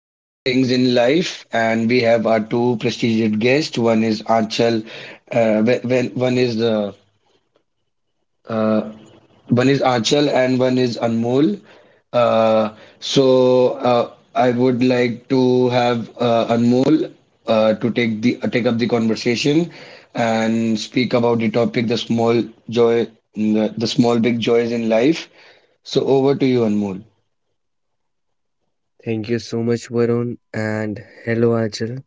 joy things in life. And we have our two prestigious guests. One is Anchal, wh- when uh, one is Achal and one is Anmol. So, I would like to have Anmol to take up the conversation and speak about the topic, the small joy, mm, the small big joys in life. So over to you, Anmol. Thank you so much, Varun, and hello, Achal.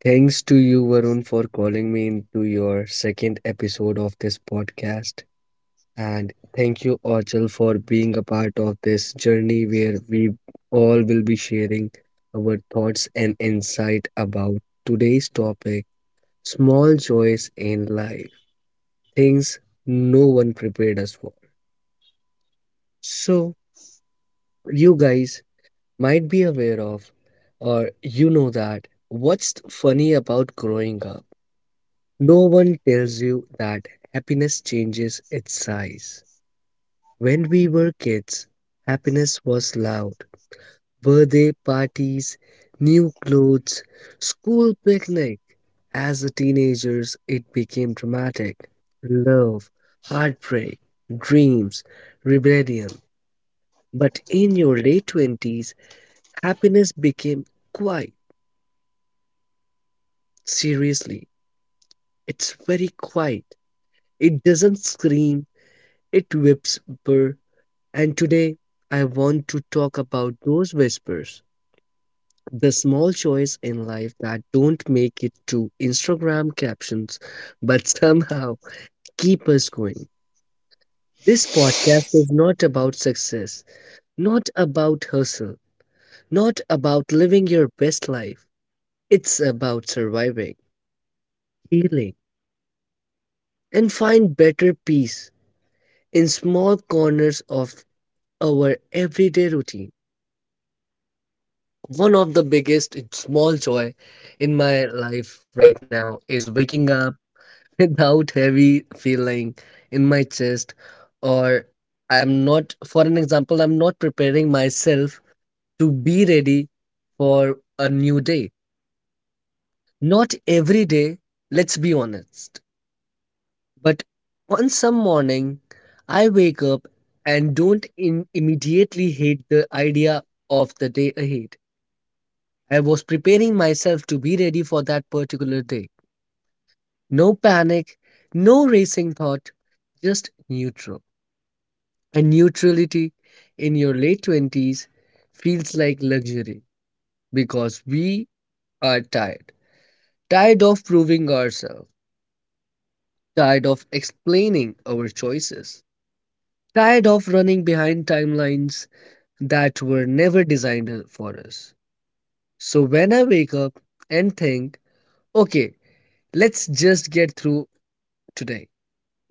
Thanks to you, Varun, for calling me into your second episode of this podcast. And thank you, Achal, for being a part of this journey where we all will be sharing our thoughts and insight about today's topic, small joys in life, things no one prepared us for. So, you guys might be aware of, or you know that. What's funny about growing up? No one tells you that happiness changes its size. When we were kids, happiness was loud. Birthday parties, new clothes, school picnic. As a teenagers, it became dramatic. Love, heartbreak, dreams, rebellion. But in your late 20s, happiness became quiet. Seriously, it's very quiet. It doesn't scream, it whispers. And today, I want to talk about those whispers, the small joys in life that don't make it to Instagram captions, but somehow keep us going. This podcast is not about success, not about hustle, not about living your best life. It's about surviving, healing, and find better peace in small corners of our everyday routine. One of the biggest small joy in my life right now is waking up without heavy feeling in my chest, or I'm not, for an example, I'm not preparing myself to be ready for a new day. Not every day, let's be honest. But on some morning I wake up and don't immediately hate the idea of the day ahead. I was preparing myself to be ready for that particular day. No panic, no racing thought, just neutral. And neutrality in your late 20s feels like luxury because we are tired. Tired of proving ourselves, tired of explaining our choices, tired of running behind timelines that were never designed for us. So when I wake up and think, okay, let's just get through today,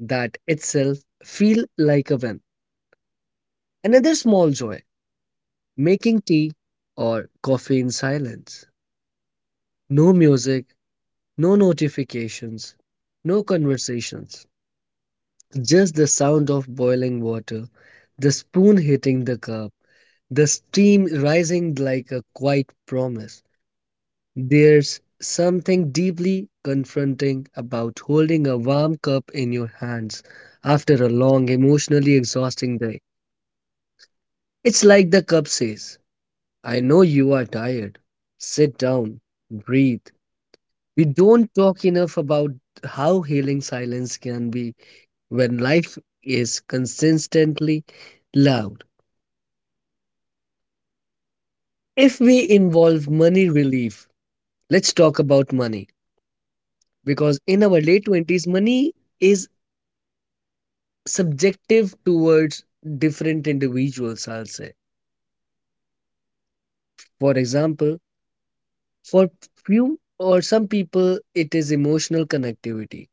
that itself feel like a win. Another small joy, making tea or coffee in silence. No music, no notifications, no conversations. Just the sound of boiling water, the spoon hitting the cup, the steam rising like a quiet promise. There's something deeply confronting about holding a warm cup in your hands after a long, emotionally exhausting day. It's like the cup says, I know you are tired. Sit down, breathe. We don't talk enough about how healing silence can be when life is consistently loud. If we involve money relief, let's talk about money because in our late 20s, money is subjective towards different individuals, I'll say. For example, for few or some people, it is emotional connectivity.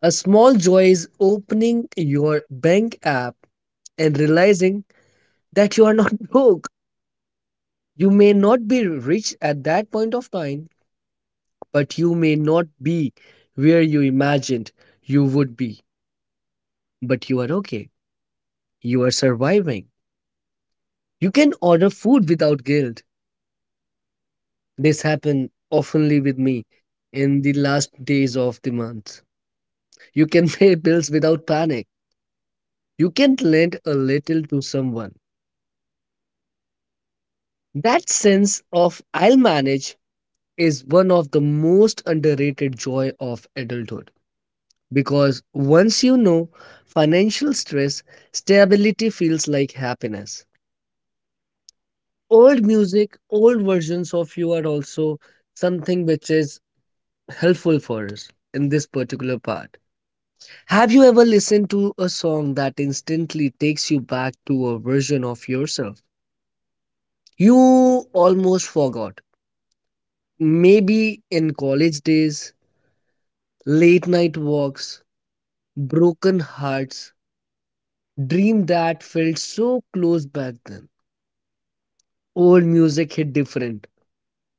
A small joy is opening your bank app and realizing that you are not broke. You may not be rich at that point of time, but you may not be where you imagined you would be. But you are okay. You are surviving. You can order food without guilt. This happened oftenly with me in the last days of the month. You can pay bills without panic. You can lend a little to someone. That sense of I'll manage is one of the most underrated joy of adulthood because once you know financial stress, stability feels like happiness. Old music, old versions of you are also something which is helpful for us in this particular part. Have you ever listened to a song that instantly takes you back to a version of yourself you almost forgot? Maybe in college days, late night walks, broken hearts, dream that felt so close back then. Old music hit different.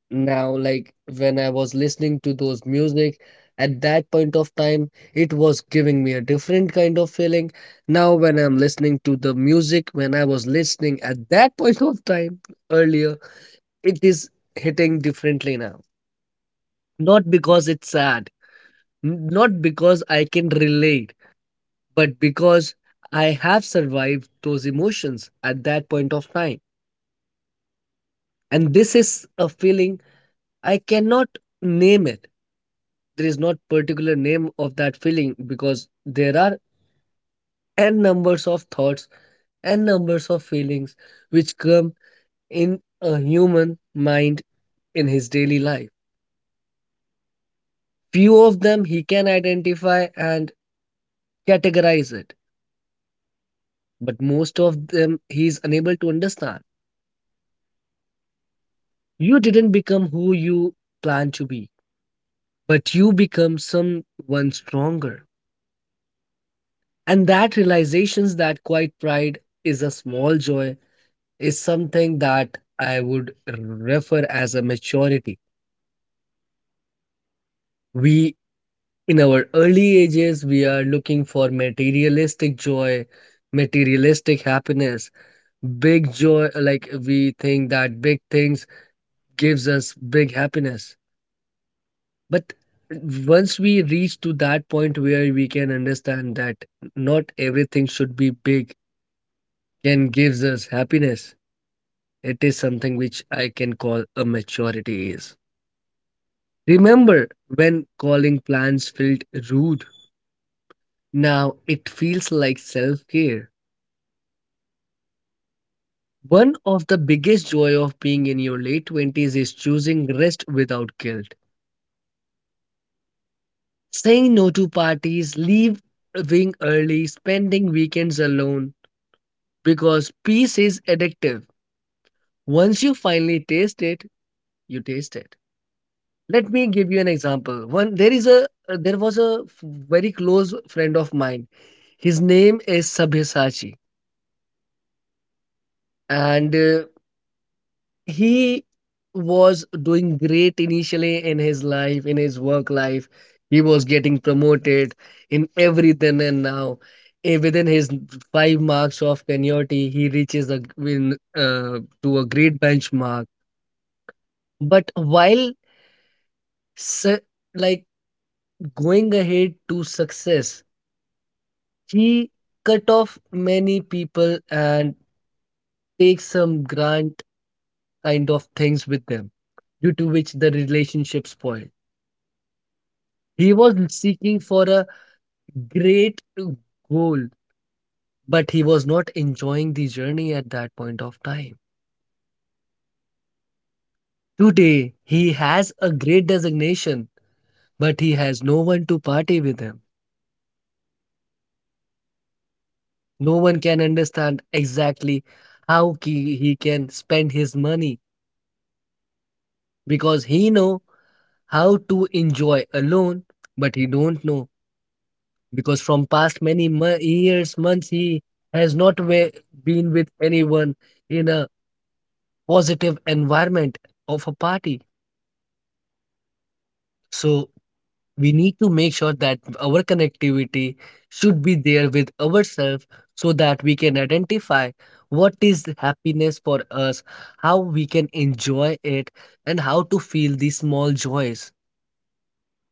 Now, like when I was listening to those music at that point of time, it was giving me a different kind of feeling. Now, when I'm listening to the music, when I was listening at that point of time earlier, it is hitting differently now. Not because it's sad, not because I can relate, but because I have survived those emotions at that point of time. And this is a feeling I cannot name it. There is not particular name of that feeling because there are n numbers of thoughts and numbers of feelings which come in a human mind in his daily life. Few of them he can identify and categorize it, but most of them he is unable to understand. You didn't become who you plan to be, but you become someone stronger. And that realizations, that quiet pride is a small joy is something that I would refer as a maturity. We, in our early ages, we are looking for materialistic joy, materialistic happiness, big joy, like we think that big things gives us big happiness. But once we reach to that point where we can understand that not everything should be big can gives us happiness. It is something which I can call a maturity is. Remember when calling plans felt rude. Now it feels like self-care. One of the biggest joy of being in your late 20s is choosing rest without guilt. Saying no to parties, leaving early, spending weekends alone because peace is addictive. Once you finally taste it, you taste it. Let me give you an example. One there is a there was a very close friend of mine. His name is Sabyasachi, and he was doing great initially in his life, in his work life. He was getting promoted in everything, and now within his five marks of seniority, he reaches a g- win to a great benchmark. But while su- like going ahead to success, he cut off many people and takes some grand kind of things with them, due to which the relationship spoiled. He was seeking for a great goal, but he was not enjoying the journey at that point of time. Today, he has a great designation, but he has no one to party with him. No one can understand exactly how he can spend his money because he know how to enjoy alone, but he don't know because from past many years, months, he has not been with anyone in a positive environment of a party. So we need to make sure that our connectivity should be there with ourselves so that we can identify what is the happiness for us, how we can enjoy it, and how to feel these small joys.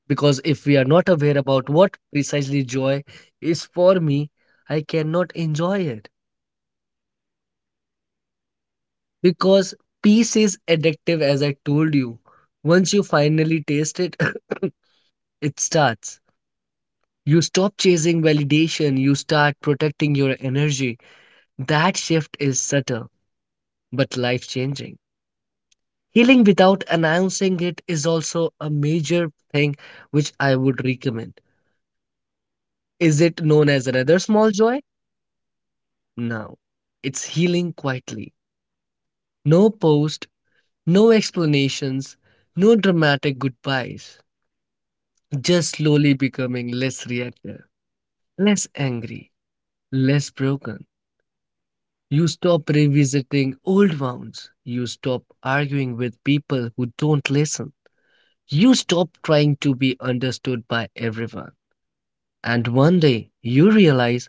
Because if we are not aware about what precisely joy is for me, I cannot enjoy it. Because peace is addictive, as I told you. Once you finally taste it, it starts. You stop chasing validation, you start protecting your energy. That shift is subtle, but life changing. Healing without announcing it is also a major thing which I would recommend. Is it known as another small joy? No. It's healing quietly. No post, no explanations, no dramatic goodbyes. Just slowly becoming less reactive, less angry, less broken. You stop revisiting old wounds. You stop arguing with people who don't listen. You stop trying to be understood by everyone. And one day you realize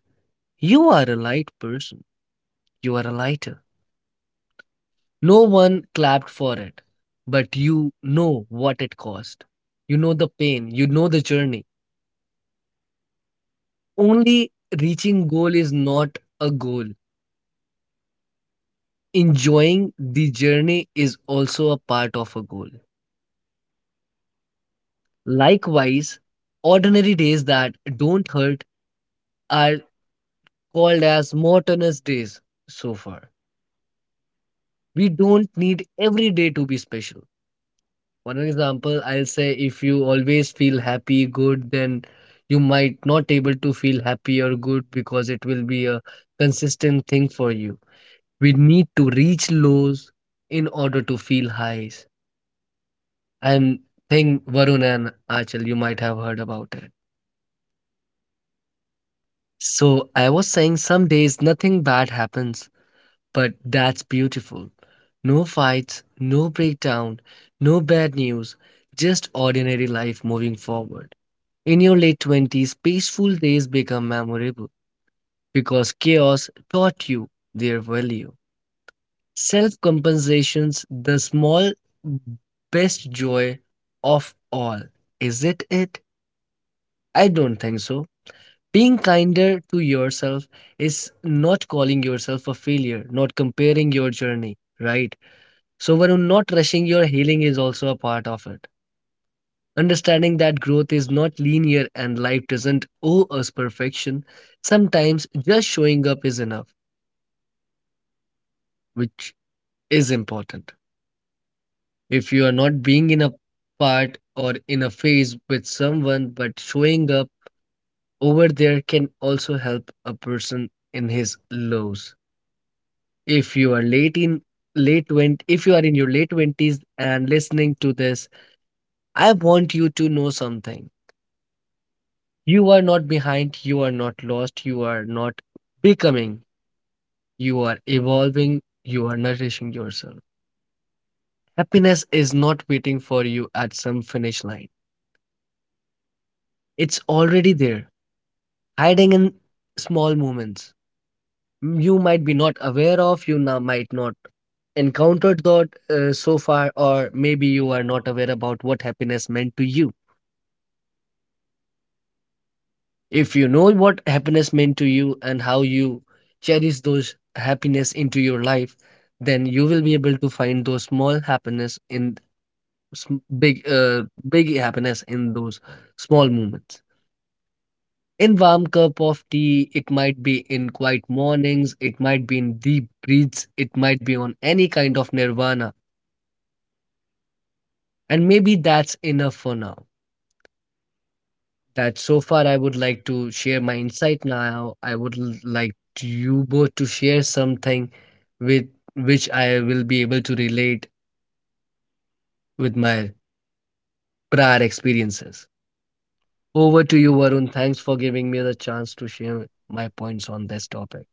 you are a light person. You are a lighter. No one clapped for it, but you know what it cost. You know the pain, you know the journey. Only reaching goal is not a goal. Enjoying the journey is also a part of a goal. Likewise, ordinary days that don't hurt are called as monotonous days so far. We don't need every day to be special. One example, I'll say if you always feel happy, good, then you might not able to feel happy or good because it will be a consistent thing for you. We need to reach lows in order to feel highs. I'm think Varun and Achal, you might have heard about it. So I was saying some days nothing bad happens, but that's beautiful. No fights, no breakdown, no bad news, just ordinary life moving forward. In your late 20s, peaceful days become memorable because chaos taught you their value. Self compensations, the small best joy of all. Is it it? I don't think so. Being kinder to yourself is not calling yourself a failure, not comparing your journey, right? So, Varun, not rushing your healing is also a part of it. Understanding that growth is not linear and life doesn't owe us perfection, sometimes just showing up is enough, which is important. If you are not being in a part or in a phase with someone, but showing up over there can also help a person in his lows. If you are late in late 20, if you are in your late 20s and listening to this, I want you to know something. You are not behind, you are not lost, you are not becoming. You are evolving, you are nourishing yourself. Happiness is not waiting for you at some finish line, it's already there, hiding in small moments. You might be not aware of, you now might not encountered that so far, or maybe you are not aware about what happiness meant to you. If you know what happiness meant to you and how you cherish those happiness into your life, then you will be able to find those small happiness in big happiness in those small moments. In warm cup of tea, it might be in quiet mornings, it might be in deep breaths, it might be on any kind of nirvana. And maybe that's enough for now. That so far I would like to share my insight now. I would like to you both to share something with which I will be able to relate with my prior experiences. Over to you, Varun. Thanks for giving me the chance to share my points on this topic.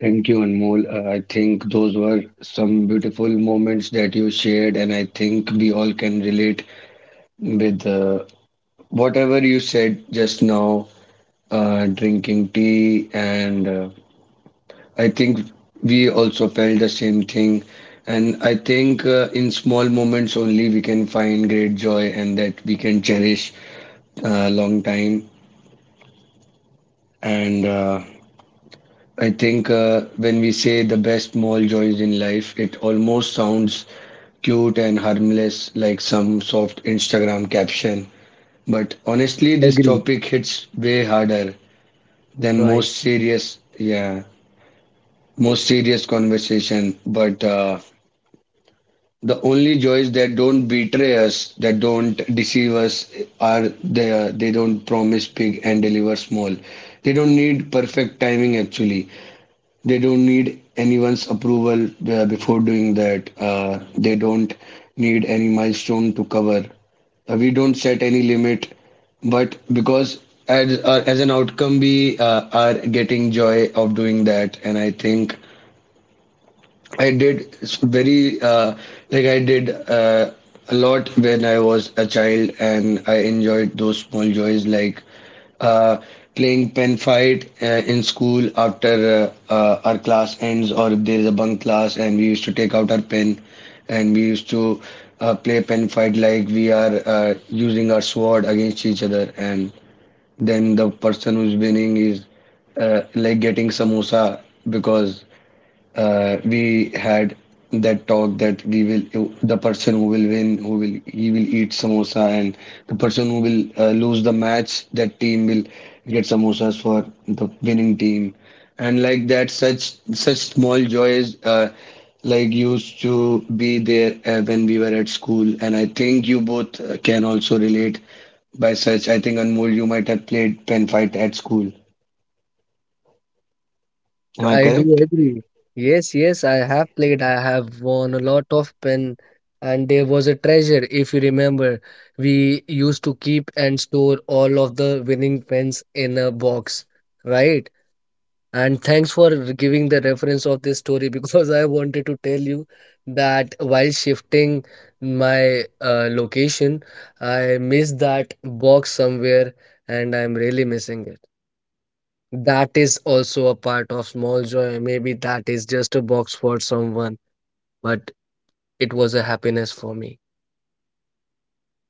Thank you, Anmol. I think those were some beautiful moments that you shared, and I think we all can relate with whatever you said just now. Drinking tea, and I think we also felt the same thing. And I think in small moments only we can find great joy, and that we can cherish a long time. And I think when we say the best small joys in life, it almost sounds cute and harmless, like some soft Instagram caption. But honestly, this Agree. topic hits way harder than Right. most serious. Yeah, most serious conversation. But the only joys that don't betray us, that don't deceive us, are they don't promise big and deliver small. They don't need perfect timing actually. They don't need anyone's approval before doing that. They don't need any milestone to cover. We don't set any limit, but because as an outcome we are getting joy of doing that. And I think I did s- very like I did a lot when I was a child, and I enjoyed those small joys, like uh, playing pen fight in school after our class ends, or if there is a bunk class, and we used to take out our pen, and we used to play pen fight like we are using our sword against each other. And then the person who's winning is like getting samosa, because we had that talk that we will the person who will win, who will he will eat samosa, and the person who will lose the match, that team will get samosas for the winning team. And like that, such small joys like used to be there when we were at school. And I think you both can also relate by such. I think, Anmol, you might have played pen fight at school, am I correct? Yes, I do agree. Yes, yes, I have played. I have won a lot of pen, and there was a treasure. If you remember, we used to keep and store all of the winning pens in a box, right? And thanks for giving the reference of this story because I wanted to tell you that while shifting my location, I missed that box somewhere and I'm really missing it. That is also a part of small joy. Maybe that is just a box for someone, but it was a happiness for me.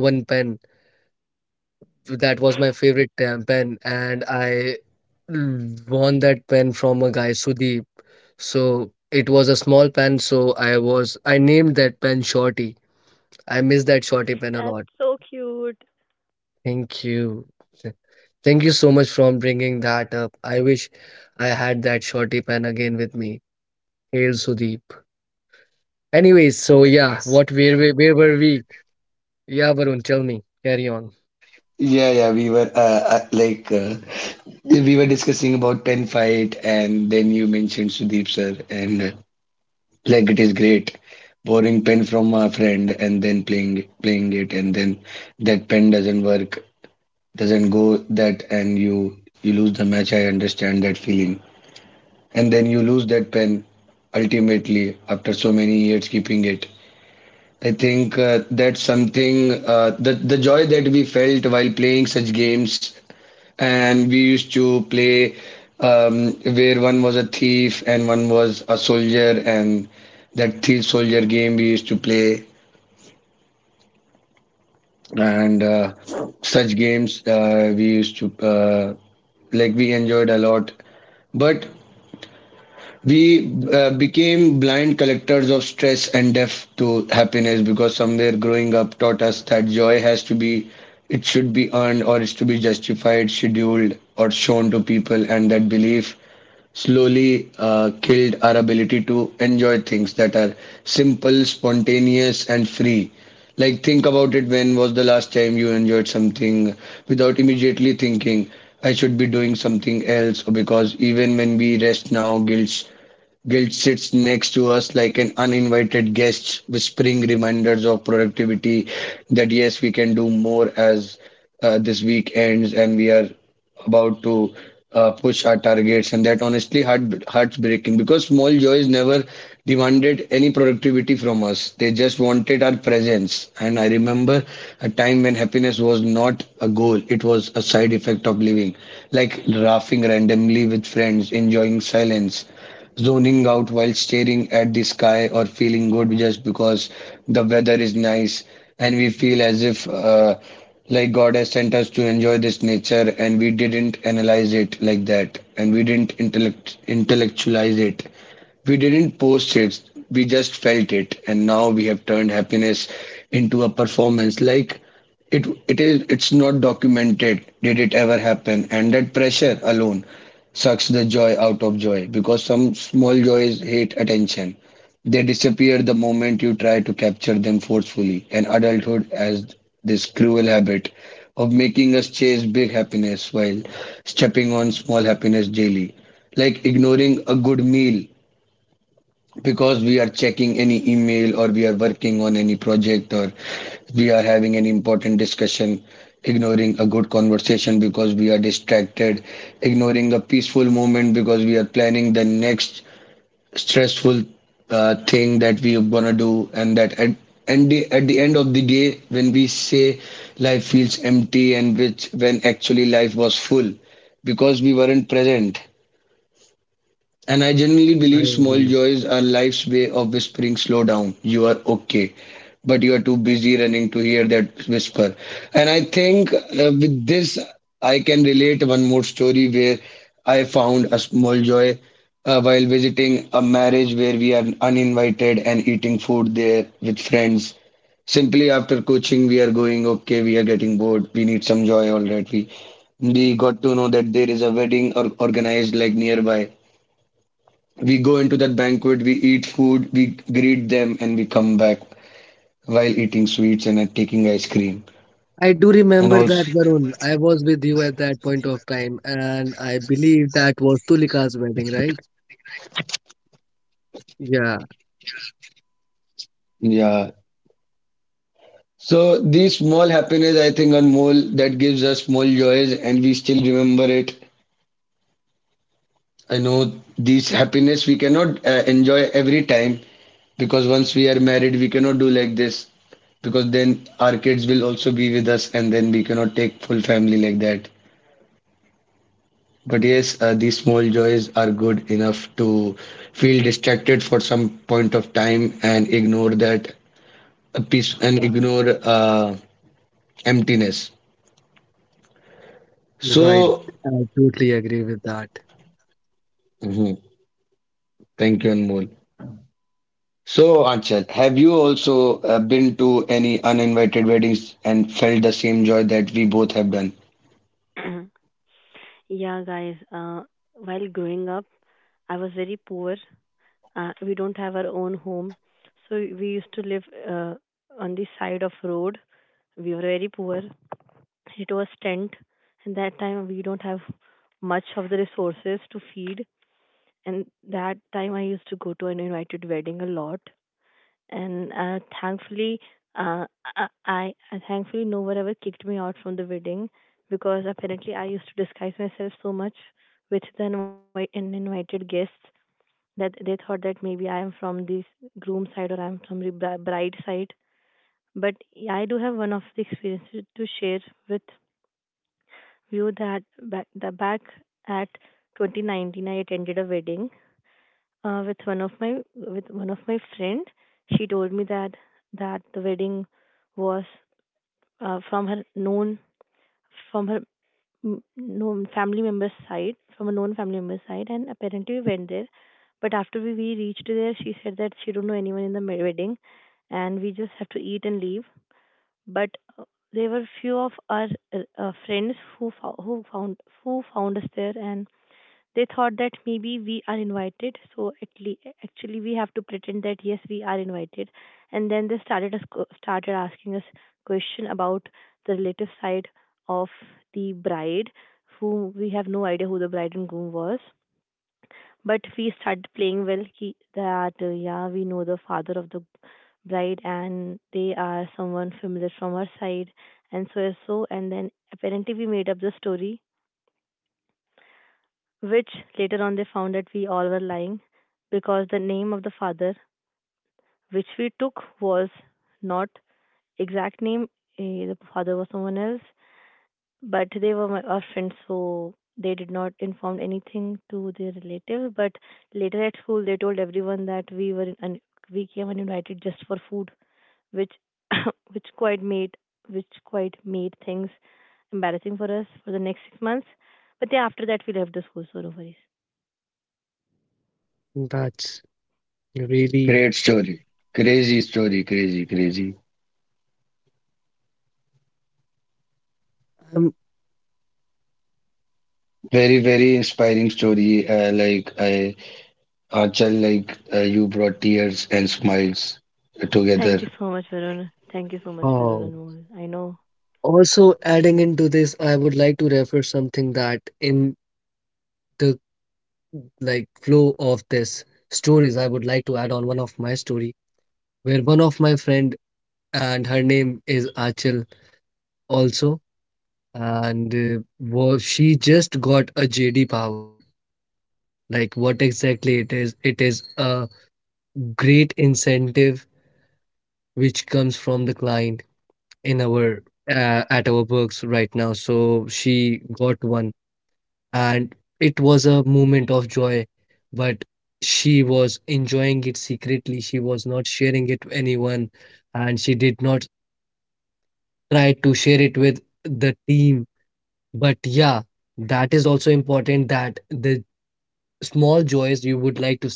I also name one pen. That was my favorite pen, and I won that pen from a guy, Sudeep. So it was a small pen, so I named that pen Shorty. That's so I miss that cute. Shorty pen a lot. Thank you. Thank you so much for bringing that up. I wish I had that Shorty pen again with me. Hail Sudeep. Anyways, so yeah, what where we where were we? Yeah, Varun, tell me. Yeah, yeah, we Carry were on. Uh, like uh, we were discussing about pen fight, and then you mentioned Sudeep sir, and like it is great borrowing pen from a friend and then playing it, and then that pen doesn't work, doesn't go that, and you lose the match. I understand that feeling, and then you lose that pen ultimately after so many years keeping it. I think that's something, the joy that we felt while playing such games. And we used to play where one was a thief and one was a soldier, and that thief soldier game we used to play. And such games we used to like, we enjoyed a lot. But we became blind collectors of stress and deaf to happiness, because somewhere growing up taught us that joy has to be, it should be earned, or it's to be justified, scheduled, or shown to people. And that belief slowly killed our ability to enjoy things that are simple, spontaneous, and free. Like, think about it: when was the last time you enjoyed something without immediately thinking, I should be doing something else? Or because even when we rest now, guilt sits next to us like an uninvited guest, whispering reminders of productivity, that yes, we can do more as this week ends and we are about to push our targets. And that honestly heart's breaking, because small joys never demanded any productivity from us. They just wanted our presence. And I remember a time when happiness was not a goal, it was a side effect of living, like laughing randomly with friends, enjoying silence, zoning out while staring at the sky, or feeling good just because the weather is nice, and we feel as if like God has sent us to enjoy this nature. And we didn't analyze it like that, and we didn't intellectualize it. We didn't post it, we just felt it. And now we have turned happiness into a performance, like it's not documented, did it ever happen? And that pressure alone sucks the joy out of joy, because some small joys hate attention. They disappear the moment you try to capture them forcefully. And adulthood has this cruel habit of making us chase big happiness while stepping on small happiness daily. Like ignoring a good meal because we are checking any email, or we are working on any project, or we are having an important discussion; ignoring a good conversation because we are distracted; ignoring a peaceful moment because we are planning the next stressful thing that we are gonna do. And that at, and the, at the end of the day when we say life feels empty, and which, when actually life was full, because we weren't present. And I genuinely believe small joys are life's way I of agree. whispering, slow down, you are okay. But you are too busy running to hear that whisper. And I think with this, I can relate one more story where I found a small joy while visiting a marriage where we are uninvited and eating food there with friends. Simply after coaching, we are going, okay, we are getting bored, we need some joy, all right. We got to know that there is a wedding or organized like nearby. We go into that banquet, we eat food, we greet them, and we come back while eating sweets and taking ice cream. And also, I do remember that, Varun. I was with you at that point of time, and I believe that was Tulika's wedding, right? Yeah, yeah. So these small happiness, I think, on mole that gives us small joys, and we still remember it. I know these happiness we cannot enjoy every time, because once we are married, we cannot do like this, because then our kids will also be with us, and then we cannot take full family like that. But yes, these small joys are good enough to feel distracted for some point of time and ignore that peace and ignore emptiness. So, right. I totally agree with that. mhm, thank you, Anmol. So, Anchal, have you also been to any uninvited weddings and felt the same joy that we both have done? Yeah, guys. While growing up, I was very poor. We don't have our own home, so we used to live uh, on the side of road. We were very poor. It was tent, and that time we don't have much of the resources to feed. And that time I used to go to an invited wedding a lot. And thankfully uh, I thankfully no one ever kicked me out from the wedding because apparently I used to disguise myself so much with the invi- in invited guests that they thought that maybe I am from the groom side or I am from the bride side. But yeah, I do have one of the experiences to share with you that back at 2019 I attended a wedding with one of my with one of my friend. She told me that the wedding was uh, from her known from her m- known family member's side from a known family member's side, and apparently we went there. But after we reached there, she said that she don't know anyone in the wedding, and we just have to eat and leave. But uh, there were few of our friends who found us there and they thought that maybe we are invited, so at least actually we have to pretend that yes we are invited. And then they started us started asking us question about the relative side of the bride, who we have no idea who the bride and groom was. But we started playing that yeah we know the father of the bride and they are someone familiar from our side and so and so, and then apparently we made up the story, which later on they found that we all were lying because the name of the father, which we took, was not exact name. The father was someone else, but they were our friends, so they did not inform anything to their relative. But later at school, they told everyone that we were in, un- we came uninvited just for food, which which quite made which quite made things embarrassing for us for the next 6 months. But then after that, we left the school, so no worries. That's Great story. Crazy really story, crazy, crazy. um, Very, very inspiring story. Like I Achal, like you brought tears and smiles Thank you together. so much, Varun. Thank you so much, Varun and Anmol. I know. wow. Also, adding into this, I would like to refer something that in the like flow of this stories, I would like to add on one of my story where one of my friend and her name is Achal also, and was she just got a JD Power. Like what exactly it is? It is a great incentive which comes from the client. In our at our works right now. So she got one, and it was a moment of joy, but she was enjoying it secretly. She was not sharing it to anyone, and she did not try to share it with the team. But yeah, that is also important that the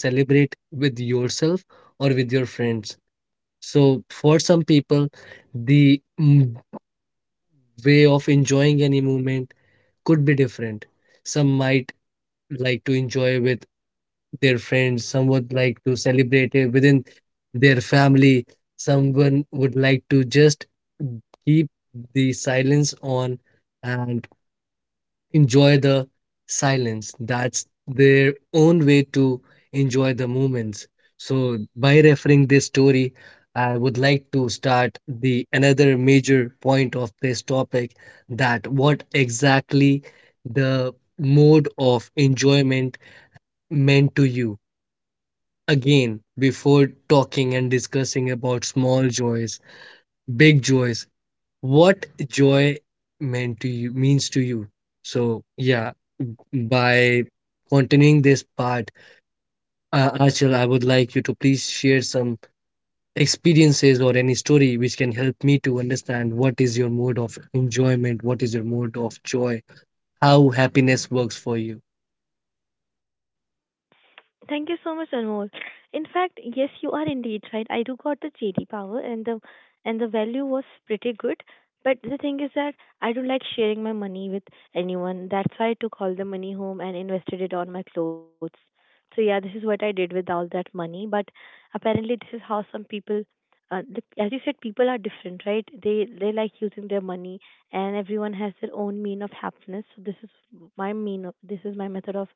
small joys you would like to celebrate with yourself or with your friends. So for some people, the mm, way of enjoying any moment could be different. Some might like to enjoy with their friends, some would like to celebrate it within their family, someone would like to just keep the silence on and enjoy the silence. That's their own way to enjoy the moments. So by referring this story, I would like to start the another major point of this topic that what exactly the mode of enjoyment meant to you. Again, before talking and discussing about small joys, big joys, what joy meant to you means to you. So yeah, by continuing this part, Achal, I would like you to please share some experiences or any story which can help me to understand what is your mode of enjoyment, what is your mode of joy, how happiness works for you. Thank you so much, Anmol. In fact, yes, you are indeed right. I do got the JD power, and the value was pretty good. But the thing is that I don't like sharing my money with anyone. That's why I took all the money home and invested it on my clothes. So yeah, this is what I did with all that money. But apparently, this is how some people, as you said, people are different, right? They like using their money, and everyone has their own mean of happiness. So this is my mean. This is my method of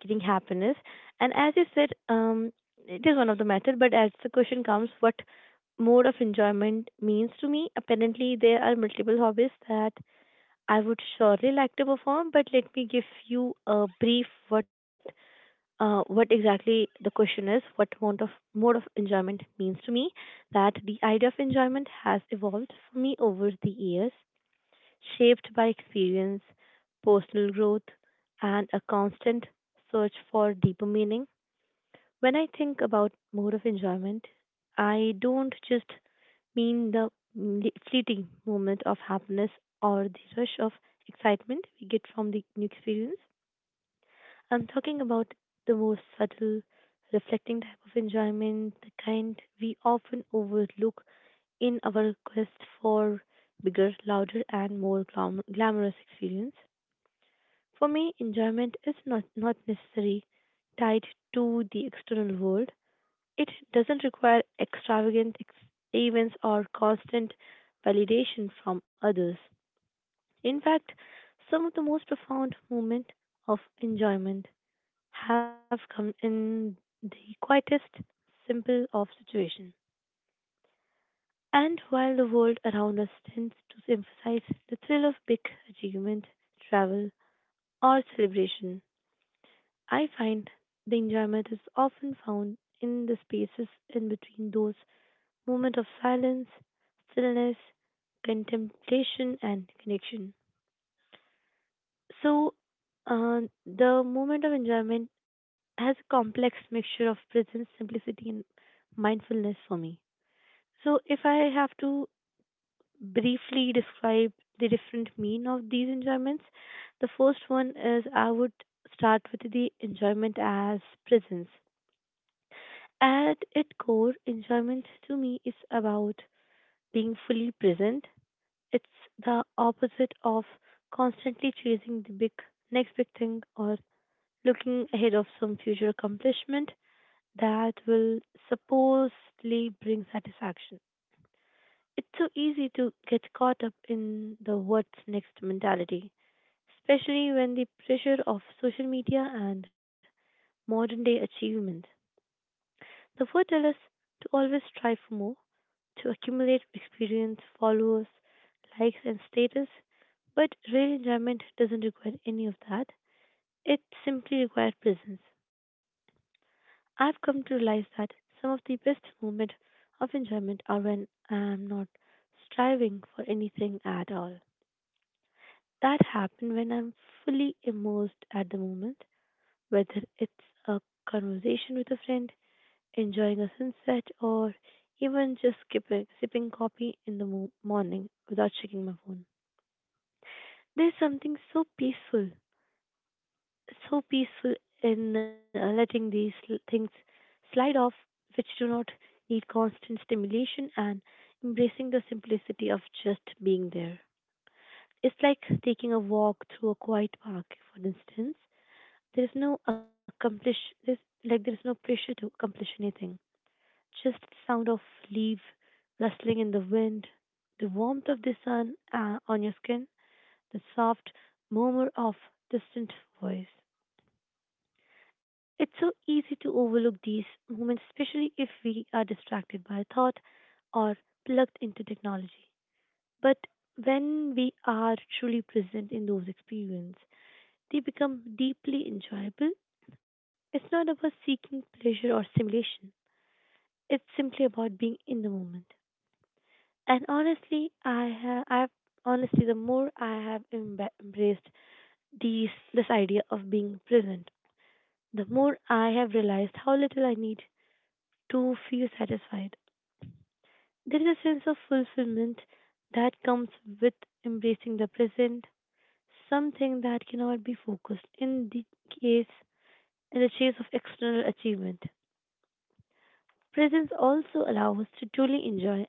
getting happiness, and as you said, it is one of the method, but as the question comes, what mode of enjoyment means to me, apparently there are multiple hobbies that I would surely like to perform, but let me give you a brief what exactly the question is, what mode of enjoyment means to me, that the idea of enjoyment has evolved for me over the years, shaped by experience, personal growth, and a constant search for deeper meaning. When I think about mode of enjoyment, I don't just mean the fleeting moment of happiness or the rush of excitement we get from the new experience. I'm talking about the more subtle, reflecting type of enjoyment, the kind we often overlook in our quest for bigger, louder, and more glamorous experience. For me, enjoyment is not necessarily tied to the external world. It doesn't require extravagant events or constant validation from others. In fact, some of the most profound moments of enjoyment have come in the quietest, simple of situations. And while the world around us tends to emphasize the thrill of big achievement, travel, or celebration, I find the enjoyment is often found in the spaces in between those moment of silence, stillness, contemplation, and connection. So, the moment of enjoyment has a complex mixture of presence, simplicity, and mindfulness for me. So, if I have to briefly describe the different mean of these enjoyments, the first one is I would start with the enjoyment as presence. At its core, enjoyment to me is about being fully present. It's the opposite of constantly chasing the big next big thing or looking ahead of some future accomplishment that will supposedly bring satisfaction. It's so easy to get caught up in the what's next mentality, especially when the pressure of social media and modern day achievement. The four tell us to always strive for more, to accumulate experience, followers, likes, and status, but real enjoyment doesn't require any of that. It simply requires presence. I've come to realize that some of the best moments of enjoyment are when I'm not striving for anything at all. That happens when I'm fully immersed at the moment, whether it's a conversation with a friend, enjoying a sunset, or even just sipping coffee in the morning without checking my phone. There's something so peaceful, so peaceful in letting these things slide off, which do not need constant stimulation, and embracing the simplicity of just being there. It's like taking a walk through a quiet park, for instance. There's no accomplish, there's, like there's no pressure to accomplish anything. Just the sound of leaves rustling in the wind, the warmth of the sun on your skin, the soft murmur of distant voice. It's so easy to overlook these moments, especially if we are distracted by thought or plugged into technology. But when we are truly present in those experiences, they become deeply enjoyable. It's not about seeking pleasure or stimulation. It's simply about being in the moment. And honestly, I have I've honestly the more I have embraced these this idea of being present, the more I have realized how little I need to feel satisfied. There is a sense of fulfillment that comes with embracing the present, something that cannot be focused case in the chase of external achievement. Presence also allows us to truly enjoy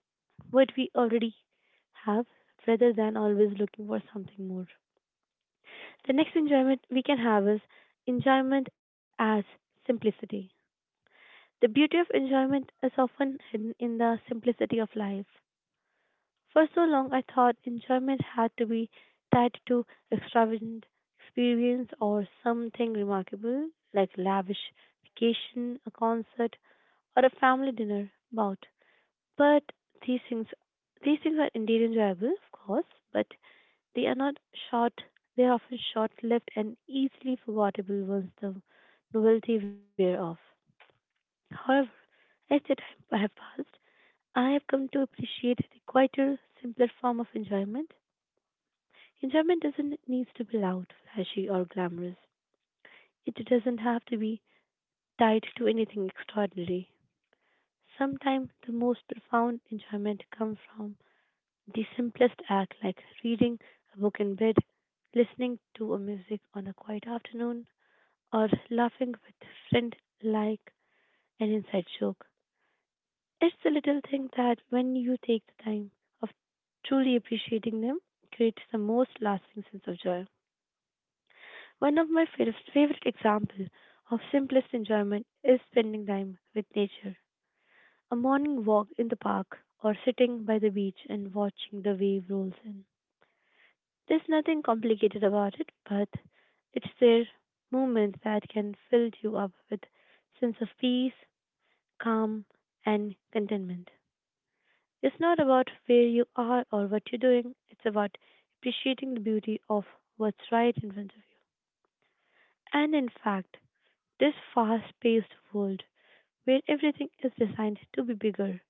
what we already have rather than always looking for something more. The next enjoyment we can have is enjoyment as simplicity. The beauty of enjoyment is often hidden in the simplicity of life. For so long, I thought enjoyment had to be tied to extravagant experience or something remarkable, like lavish vacation, a concert, or a family dinner bout. But these things, these things are indeed enjoyable, of course, but they are not short, they are often short lived and easily forgettable once the novelty wears off. However, as the time I have passed, I have come to appreciate the quieter, simpler form of enjoyment. Enjoyment doesn't need to be loud, flashy, or glamorous. It doesn't have to be tied to anything extraordinary. Sometimes the most profound enjoyment comes from the simplest act, like reading a book in bed, listening to a music on a quiet afternoon, or laughing with friend like an inside joke. It's the little thing that when you take the time of truly appreciating them creates the most lasting sense of joy. One of my favorite examples of simplest enjoyment is spending time with nature. A morning walk in the park or sitting by the beach and watching the wave rolls in. There's nothing complicated about it, but it's their movement that can fill you up with sense of peace calm, and contentment. It's not about where you are or what you're doing, it's about appreciating the beauty of what's right in front of you. And in fact, this fast paced world where everything is designed to be bigger,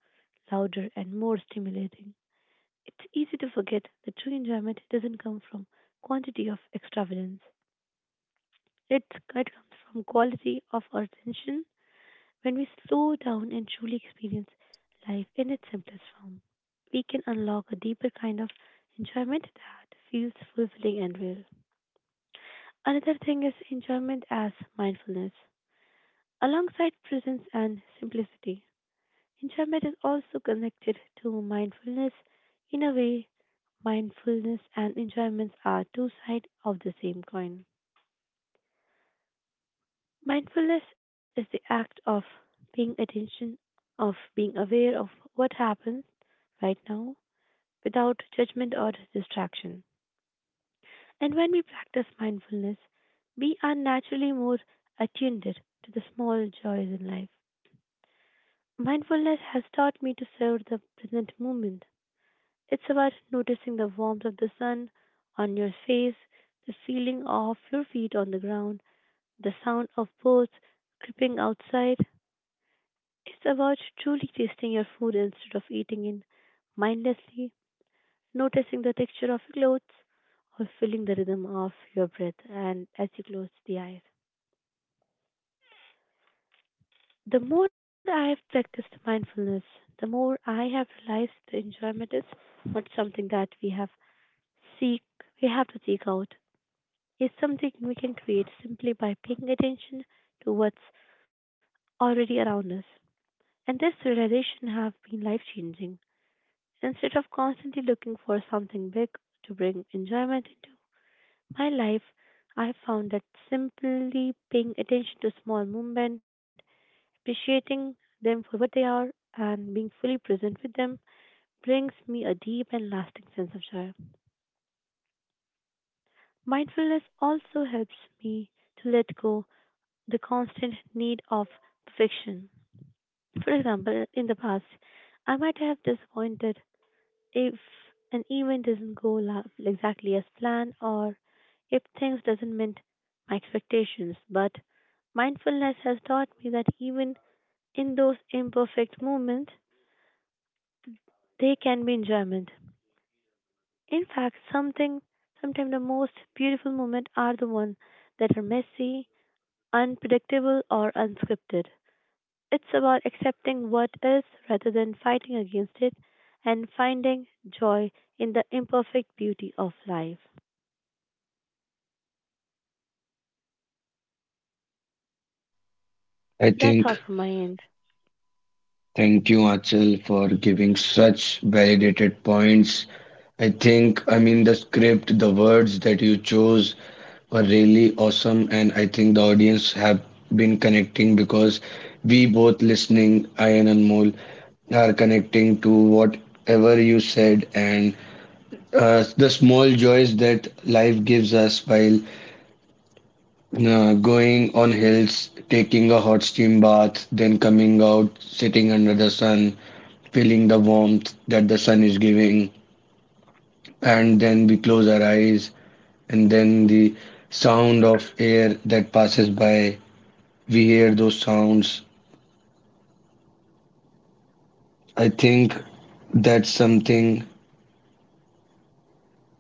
louder, and more stimulating, it's easy to forget that true enjoyment doesn't come from quantity of extravagance. It's, it comes from quality of attention. When we slow down and truly experience life in its simplest form, we can unlock a deeper kind of enjoyment that feels fulfilling and real. Another thing is enjoyment as mindfulness. Alongside presence and simplicity, enjoyment is also connected to mindfulness. In a way, mindfulness and enjoyment are two sides of the same coin. Mindfulness is the act of paying attention, of being aware of what happens right now without judgment or distraction. And when we practice mindfulness, we are naturally more attuned to the small joys in life. Mindfulness has taught me to serve the present moment. It's about noticing the warmth of the sun on your face, the feeling of your feet on the ground, the sound of birds creeping outside. It's about truly tasting your food instead of eating it mindlessly, noticing the texture of your clothes, or feeling the rhythm of your breath and as you close the eyes. The more I have practiced mindfulness, the more I have realized the enjoyment is not something that seek we have to seek out. It's something we can create simply by paying attention to what's already around us. And this realization have been life changing. Instead of constantly looking for something big to bring enjoyment into my life, I have found that simply paying attention to small movements, appreciating them for what they are, and being fully present with them brings me a deep and lasting sense of joy. Mindfulness also helps me to let go the constant need of perfection. For example, in the past, I might have disappointed if an event doesn't go la- exactly as planned, or if things doesn't meet my expectations. But mindfulness has taught me that even in those imperfect moments they can be enjoyment. In fact, something sometimes the most beautiful moments are the ones that are messy, unpredictable, or unscripted. It's about accepting what is rather than fighting against it, and finding joy in the imperfect beauty of life. I That's all think from my end. thank you, Achal, for giving such validated points. I think, I mean, the script, the words that you chose were really awesome, and I think the audience have been connecting, because we both listening, I and Anmol, are connecting to whatever you said. And the small joys that life gives us, while going on hills, taking a hot steam bath, then coming out, sitting under the sun, feeling the warmth that the sun is giving, and then we close our eyes, and then the sound of air that passes by, we hear those sounds. I think that's something,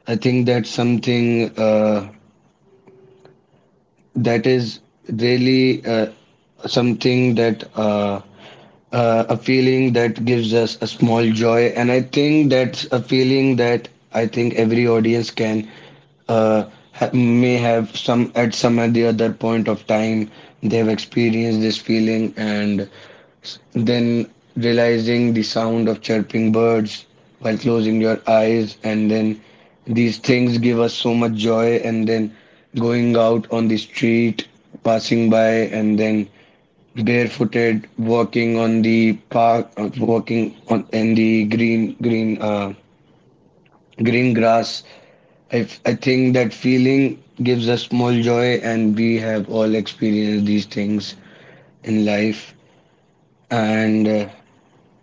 I think that's something that is really something that a feeling that gives us a small joy. And I think that's a feeling that I think every audience can uh, may have, some at the other point of time they have experienced this feeling. And then realizing the sound of chirping birds while closing your eyes, and then these things give us so much joy. And then going out on the street, passing by, and then barefooted, walking on the park, walking on in the green grass. I think that feeling gives us small joy, and we have all experienced these things in life. And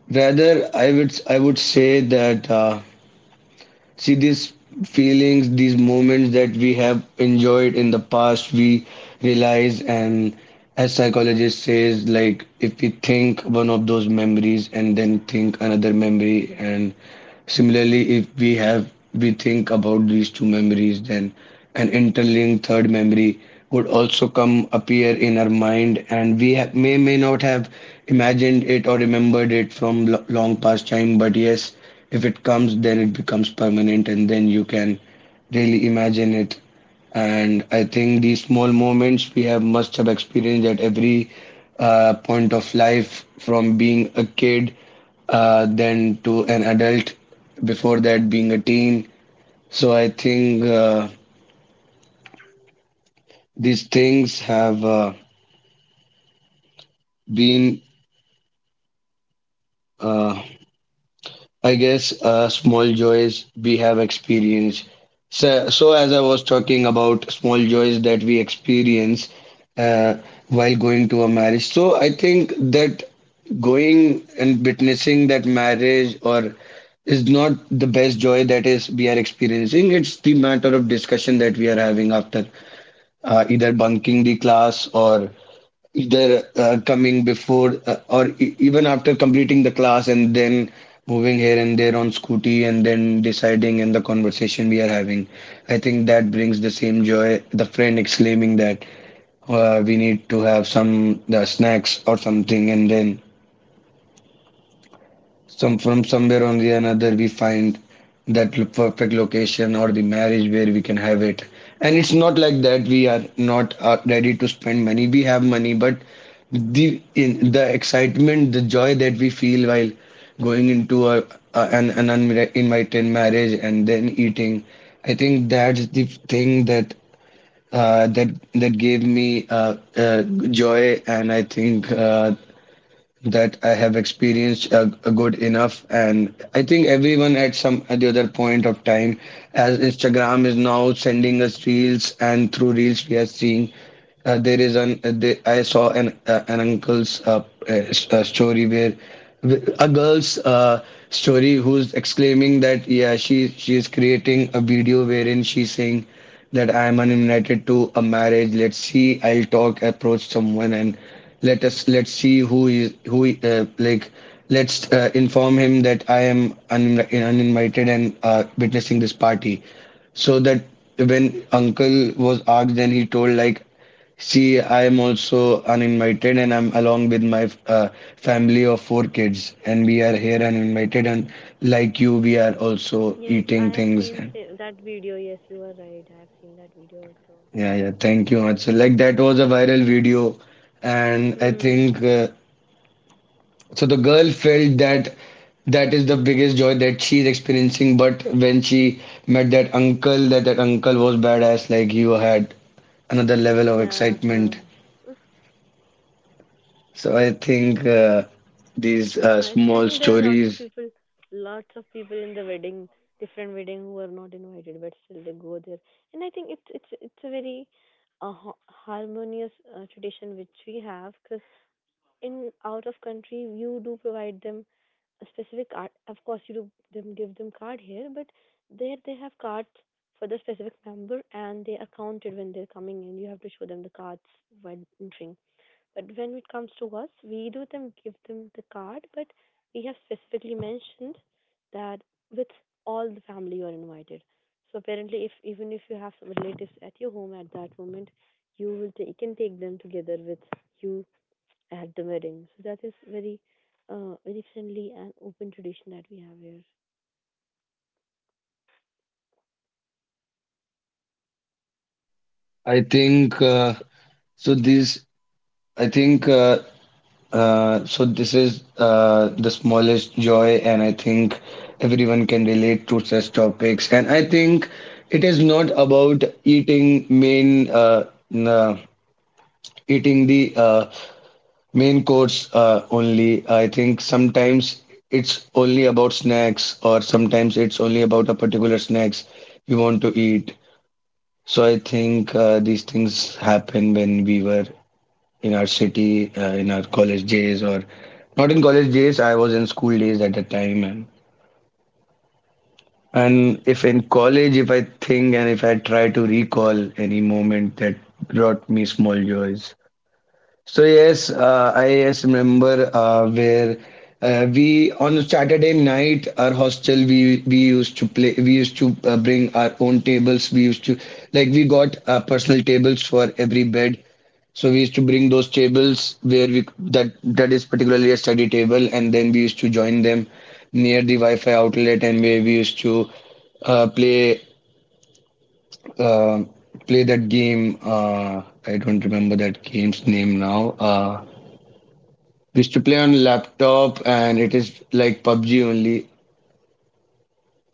rather, I would say that see these feelings, these moments that we have enjoyed in the past, we realize. And as psychologist says, like if we think one of those memories and then think another memory, and similarly, if we think about these two memories, then an interlinked third memory would also come appear in our mind, and we ha may not have imagined it or remembered it from lo long past time. But yes, if it comes, then it becomes permanent, and then you can really imagine it. And I think these small moments we have must have experienced at every point of life, from being a kid, then to an adult, before that being a teen. So I think These things have been uh, small joys we have experienced. So as I was talking about small joys that we experience uh, while going to a marriage, so I think that going and witnessing that marriage or is not the best joy that is we are experiencing. It's the matter of discussion that we are having after either bunking the class or either coming before or even after completing the class and then moving here and there on scooty and then deciding in the conversation we are having. I think that brings the same joy, the friend exclaiming that we need to have some the snacks or something, and then some from somewhere on the another we find that perfect location or the marriage where we can have it. And it's not like that we are not ready to spend money, we have money, but the in the excitement, the joy that we feel while going into a an uninvited marriage and then eating, I think that's the thing that that gave me joy. And I think that I have experienced good enough. And I think everyone at some at the other point of time, as Instagram is now sending us reels, and through reels we are seeing there is an there, I saw an uncle's story where a girl's story who's exclaiming that yeah, she is creating a video wherein she's saying that I am uninvited to a marriage. Let's see. I'll talk, approach someone, and let's see who is who like. Let's inform him that I am uninvited and witnessing this party, so that when uncle was asked, then he told like, see, I am also uninvited, and I'm along with my family of four kids, and we are here uninvited. And like you, we are also Yes, eating I have things. seen And that video. Yes, you are right. I have seen that video also. yeah, yeah. Thank you much. So, like that was a viral video, and I Hmm. think The girl felt that that is the biggest joy that she is experiencing. But when she met that uncle, that uncle was badass. Like you had another level of Yeah. excitement. So I think these I small think there are stories. Lots of people in the wedding, different wedding who are not invited, but still they go there. And I think it's a very harmonious tradition which we have, 'cause in out of country you do provide them a specific card. Of course, you do them give them card here, but there they have cards for the specific member and they are counted when they're coming in. You have to show them the cards when entering. But when it comes to us, we do them give them the card, but we have specifically mentioned that with all the family you are invited. So apparently, if even if you have some relatives at your home at that moment, you will take, you can take them together with you at the wedding. So that is very, very friendly and open tradition that we have here. I think so. These. I think so. This is the smallest joy, and I think everyone can relate to such topics. And I think it is not about eating main. Na- Eating the main course only. I think sometimes it's only about snacks, or sometimes it's only about a particular snacks you want to eat. So I think these things happen when we were in our city, in our college days, or not in college days. I was in school days at the time. And if in college, if I think and if I try to recall any moment that brought me small joys, so yes, I yes remember where we on Saturday night our hostel, we used to play, we used to bring our own tables, we used to like, we got personal tables for every bed, so we used to bring those tables where we that that is particularly a study table, and then we used to join them near the Wi-Fi outlet, and where we used to uh, play uh, play that game I don't remember that game's name now. We used to play on laptop, and it is like PUBG only.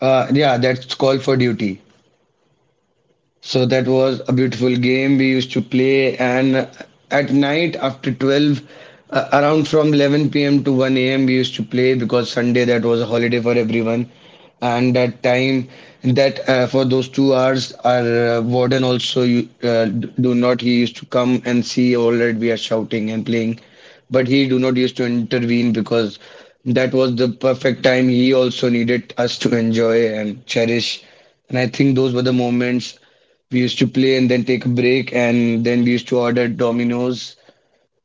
Yeah, that's Call for Duty. So that was a beautiful game we used to play. And at night after 12, around from 11 p.m. to 1 a.m., we used to play because Sunday that was a holiday for everyone. And that time, that for those 2 hours, our warden also you, do not. He used to come and see, all right, we are shouting and playing, but he do not used to intervene because that was the perfect time. He also needed us to enjoy and cherish. And I think those were the moments we used to play and then take a break, and then we used to order Domino's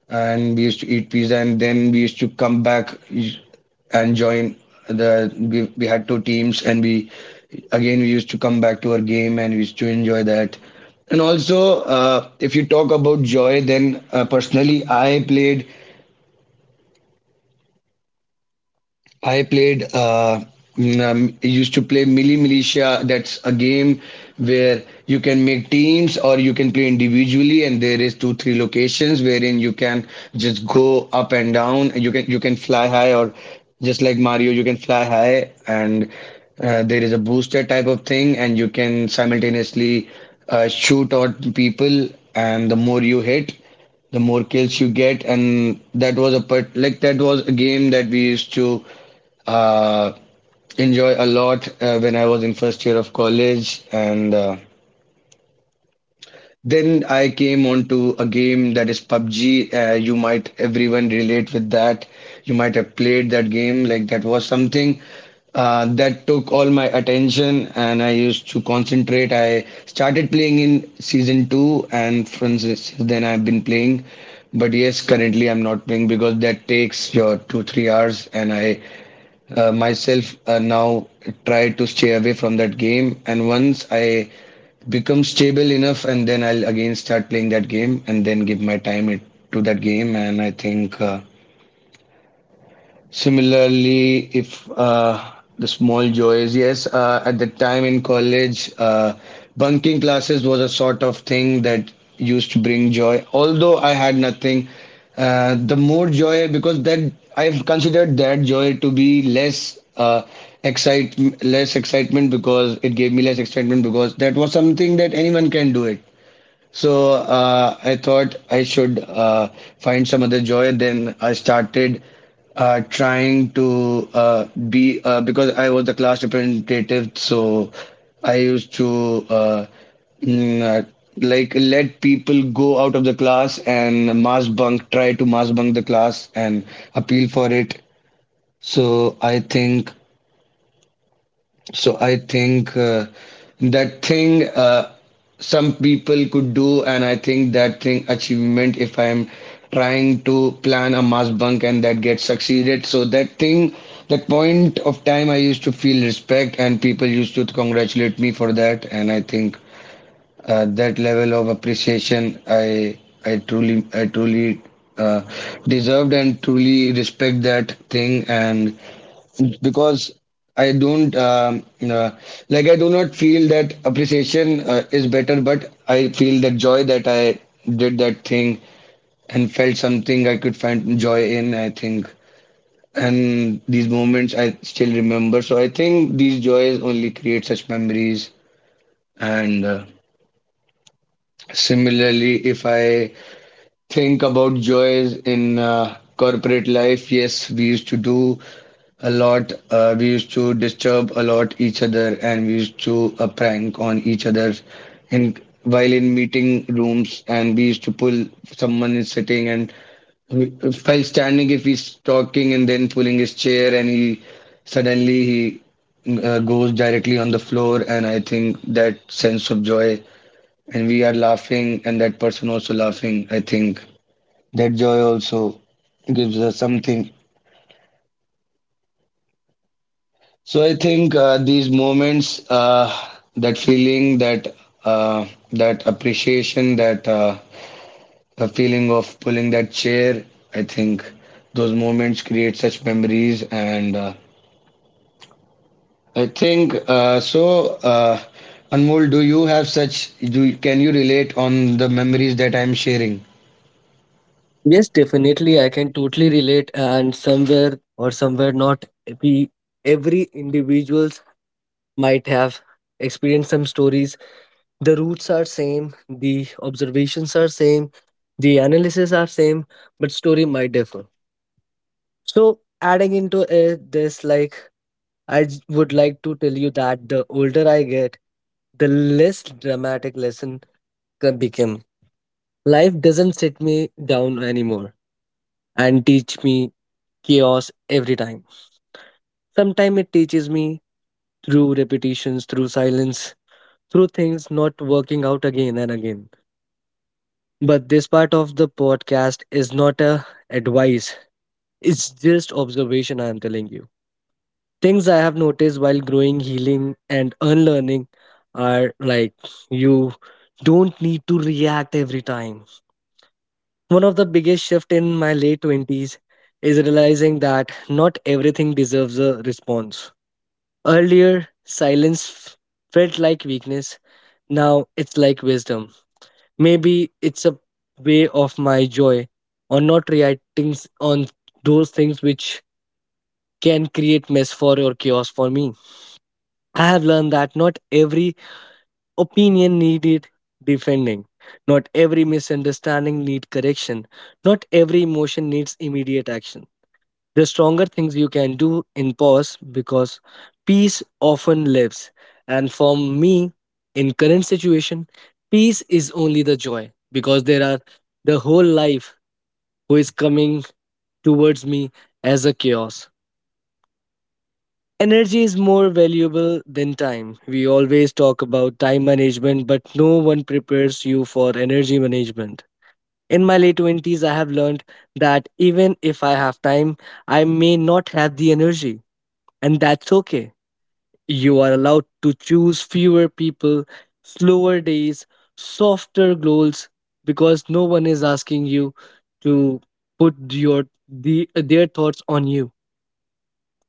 and we used to eat pizza, and then we used to come back and join the we had two teams, and we again we used to come back to our game and we used to enjoy that. And also if you talk about joy, then personally I used to play Milli Militia. That's a game where you can make teams or you can play individually, and there is 2 3 locations wherein you can just go up and down. You can fly high, or just like Mario, you can fly high, and there is a booster type of thing, and you can simultaneously shoot at people, and the more you hit, the more kills you get. And that was a part, like that was a game that we used to uh, enjoy a lot when I was in first year of college. And then I came on to a game that is PUBG. You might everyone relate with that. You might have played that game. Like that was something that took all my attention, and I used to concentrate. I started playing in season two, and from since then I've been playing. But yes, currently I'm not playing because that takes your 2 3 hours, and I myself now try to stay away from that game. And once I become stable enough, and then I'll again start playing that game, and then give my time it, to that game. And I think similarly, if the small joys, yes, at the time in college, bunking classes was a sort of thing that used to bring joy. Although I had nothing, the more joy because that I've considered that joy to be excite less excitement, because it gave me less excitement because that was something that anyone can do it. So I thought I should find some other joy. Then I started trying to be because I was the class representative. So I used to mm, uh, like let people go out of the class and mass bunk, try to mass bunk the class and appeal for it. So I think. So I think that thing some people could do, and I think that thing achievement, if I'm trying to plan a mass bunk and that gets succeeded. So that thing, that point of time, I used to feel respect, and people used to congratulate me for that. And I think that level of appreciation, I truly uh, deserved and truly respect that thing. And because I don't like I do not feel that appreciation is better, but I feel that joy that I did that thing and felt something I could find joy in, I think. And these moments I still remember. So I think these joys only create such memories. And similarly, if I think about joys in corporate life, yes, we used to do a lot. We used to disturb a lot each other, and we used to prank on each other in while in meeting rooms. And we used to pull, someone is sitting and we- while standing, if he's talking, and then pulling his chair, and he suddenly he goes directly on the floor. And I think that sense of joy, and we are laughing, and that person also laughing, I think that joy also gives us something. So I think these moments, that feeling, uh, that appreciation, that a feeling of pulling that chair, I think those moments create such memories. And I think Anmol, do you have such? Do Can you relate on the memories that I'm sharing? Yes, definitely. I can totally relate, and somewhere or somewhere not, we every individuals might have experienced some stories. The roots are same, the observations are same, the analysis are same, but story might differ. So adding into this, like would like to tell you that the older I get, the less dramatic lesson can become. Life doesn't sit me down anymore and teach me chaos every time. Sometimes it teaches me through repetitions, through silence, through things not working out again and again. But this part of the podcast is not a advice. It's just observation I am telling you. Things I have noticed while growing, healing and unlearning are like you don't need to react every time. One of the biggest shifts in my late 20s is realizing that not everything deserves a response. Earlier, silence felt like weakness. Now it's like wisdom. Maybe it's a way of my joy or not reacting on those things which can create mess for or chaos for me. I have learned that not every opinion needed defending. Not every misunderstanding need correction. Not every emotion needs immediate action. The stronger things you can do in pause because peace often lives. And for me, in current situation, peace is only the joy because there are the whole life who is coming towards me as a chaos. Energy is more valuable than time. We always talk about time management, but no one prepares you for energy management. In my late 20s, I have learned that even if I have time, I may not have the energy, and that's okay. You are allowed to choose fewer people, slower days, softer goals because no one is asking you to put your their thoughts on you.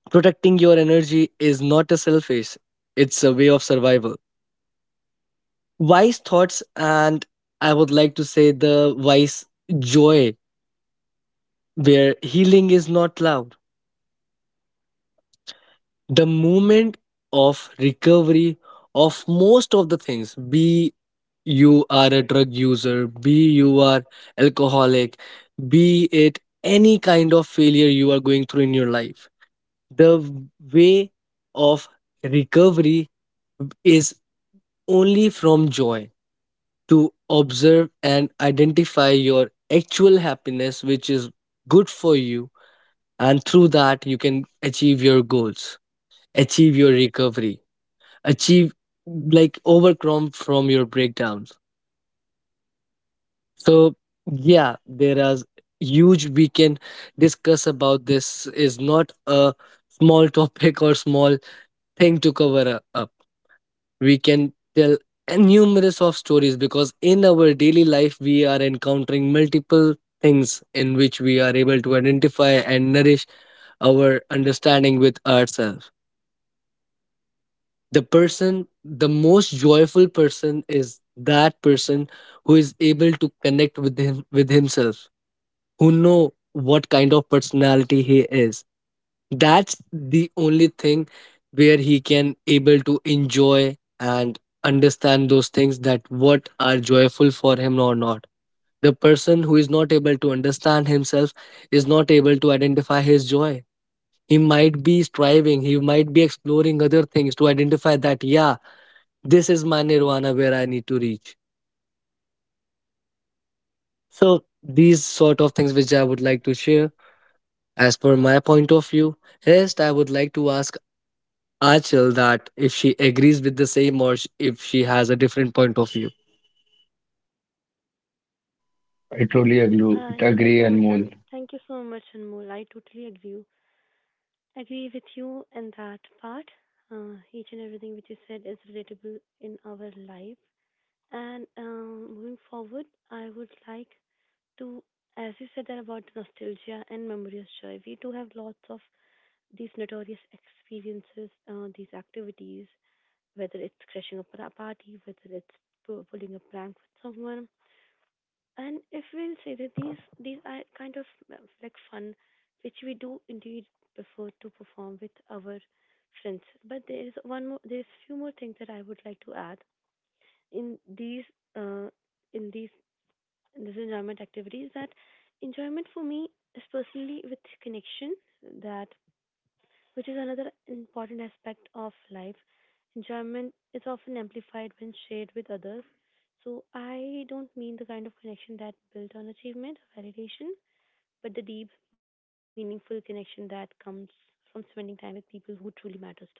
Protecting your energy is not a selfish, it's a way of survival. Wise thoughts, and I would like to say the wise joy, where healing is not loud. The moment of recovery of most of the things, be you are a drug user, be you are alcoholic, be it any kind of failure you are going through in your life, the way of recovery is only from joy to observe and identify your actual happiness which is good for you, and through that you can achieve your goals, achieve your recovery, achieve like overcome from your breakdowns. So yeah, there are huge we can discuss about, this is not a small topic or small thing to cover up. We can tell numerous of stories because in our daily life we are encountering multiple things in which we are able to identify and nourish our understanding with ourselves. The person, the most joyful person is that person who is able to connect with him with himself, who know what kind of personality he is. That's the only thing where he can able to enjoy and understand those things that what are joyful for him or not. The person who is not able to understand himself is not able to identify his joy. He might be striving, he might be exploring other things to identify that yeah, this is my nirvana where I need to reach. So these sort of things which I would like to share as per my point of view. Rest I would like to ask I chill that if she agrees with the same or if she has a different point of view. I totally agree. Thank you Agree, so much, and Anmol. thank you so much, Anmol. I totally agree with you in that part. Each and everything which you said is relatable in our life. And moving forward, I would like to, as you said that about nostalgia and memories joy, we do have lots of these notorious experiences, these activities whether it's crashing a party, whether it's pulling a prank with someone. And if we'll say that these are kind of uh, like fun, which we do indeed prefer to perform with our friends. But there is one more, there's few more things that I would like to add in these uh, in these in this enjoyment activities. That enjoyment for me is personally with connection. That which is another important aspect of life. Enjoyment is often amplified when shared with others. So I don't mean the kind of connection that built on achievement or validation, but the deep, meaningful connection that comes from spending time with people who truly matters to us.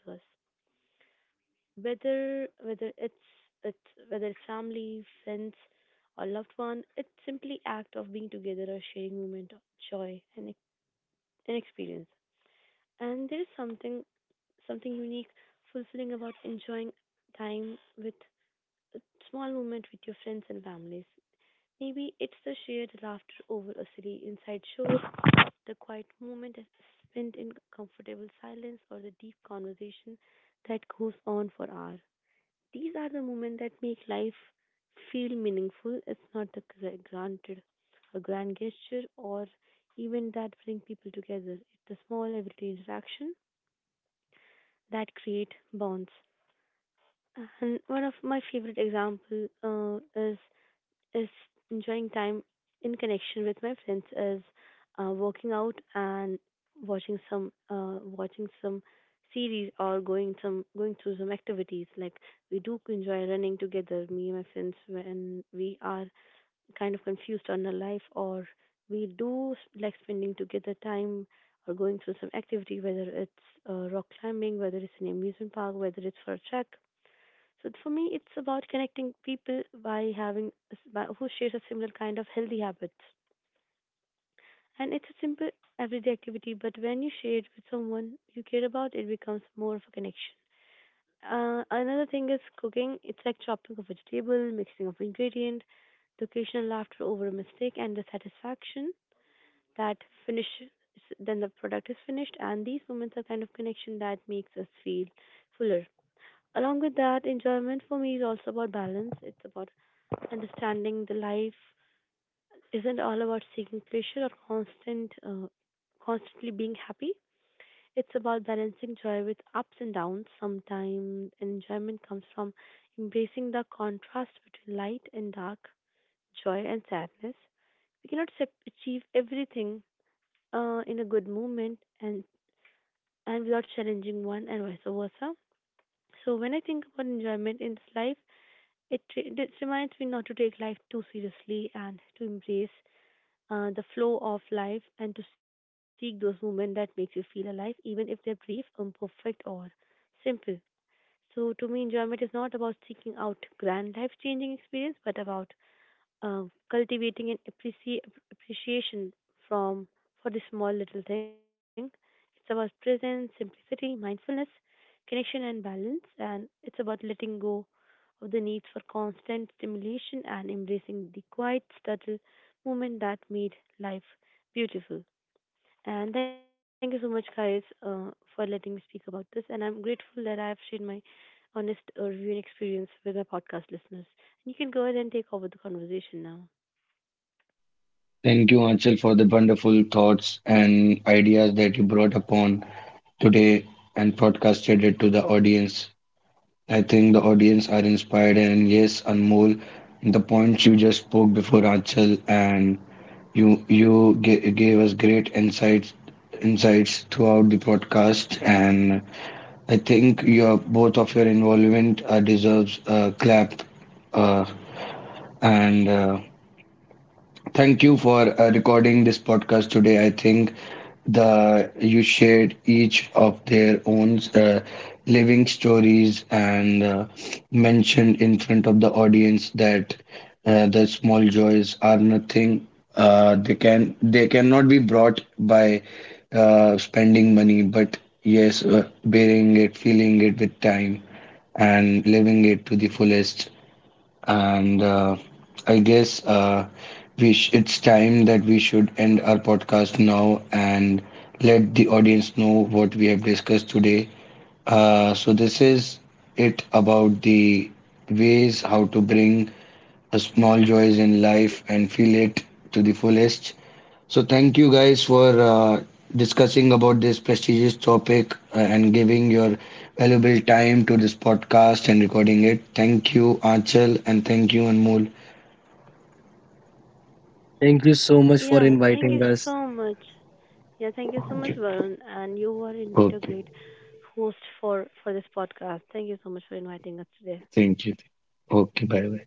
Whether whether it's whether it's family, friends, or loved one, it's simply act of being together or sharing moment of joy and, and experience. And there is something unique, fulfilling about enjoying time with a small moment with your friends and families. Maybe it's the shared laughter over a silly inside joke, the quiet moment spent in comfortable silence, or the deep conversation that goes on for hours. These are the moments that make life feel meaningful. It's not the gra- granted a grand gesture or even that bring people together. It's the small everyday interaction that create bonds. And one of my favorite example is enjoying time in connection with my friends is working out and watching some series or going through some activities like we do enjoy running together me and my friends when we are kind of confused on our life, or we do like spending together time or going through some activity whether it's rock climbing, whether it's an amusement park, whether it's for a trek. So for me, it's about connecting people by having a who shares a similar kind of healthy habits. And it's a simple everyday activity, but when you share it with someone you care about, it becomes more of a connection. Another thing is cooking. It's like chopping of vegetable, mixing of ingredient, the occasional laughter over a mistake, and the satisfaction that finish then the product is finished. And these moments are kind of connection that makes us feel fuller. Along with that, enjoyment for me is also about balance. It's about understanding the life isn't all about seeking pleasure or constantly being happy. It's about balancing joy with ups and downs. Sometimes enjoyment comes from embracing the contrast between light and dark, joy and sadness. We cannot sep- achieve everything in a good moment and without challenging one and vice versa. So when I think about enjoyment in this life, it reminds me not to take life too seriously and to embrace the flow of life and to seek those moments that makes you feel alive, even if they're brief, imperfect, or simple. So to me, enjoyment is not about seeking out grand life-changing experience, but about uh, cultivating an appreci- appreciation from for the small little thing. It's about presence, simplicity, mindfulness, connection, and balance, and it's about letting go of the need for constant stimulation and embracing the quiet, subtle moment that made life beautiful. And thank you so much, guys, for letting me speak about this. And I'm grateful that I have shared my honest reviewing experience with my podcast listeners. And you can go ahead and take over the conversation now. Thank you, Anchal, for the wonderful thoughts and ideas that you brought upon today and broadcasted it to the audience. I think the audience are inspired, and yes, Anmol, the points you just spoke before, Anchal, and you gave us great insights throughout the podcast. And I think your both of your involvement deserves a clap. Uh, and Thank you for recording this podcast today. I think the you shared each of their own living stories and mentioned in front of the audience that the small joys are nothing. They can they cannot be brought by spending money, but yes, bearing it, feeling it with time, and living it to the fullest. And I guess uh, we it's time that we should end our podcast now and let the audience know what we have discussed today. So this is it about the ways how to bring a small joys in life and feel it to the fullest. So thank you, guys, for discussing about this prestigious topic and giving your valuable time to this podcast and recording it. Thank you, Anchal, and thank you, Anmol. Thank you so much for Yeah, thank inviting you us. so much. Yeah, thank you so much, Varun. And you are indeed a Okay. great host for this podcast. Thank you so much for inviting us today. Thank you. Okay. Bye bye.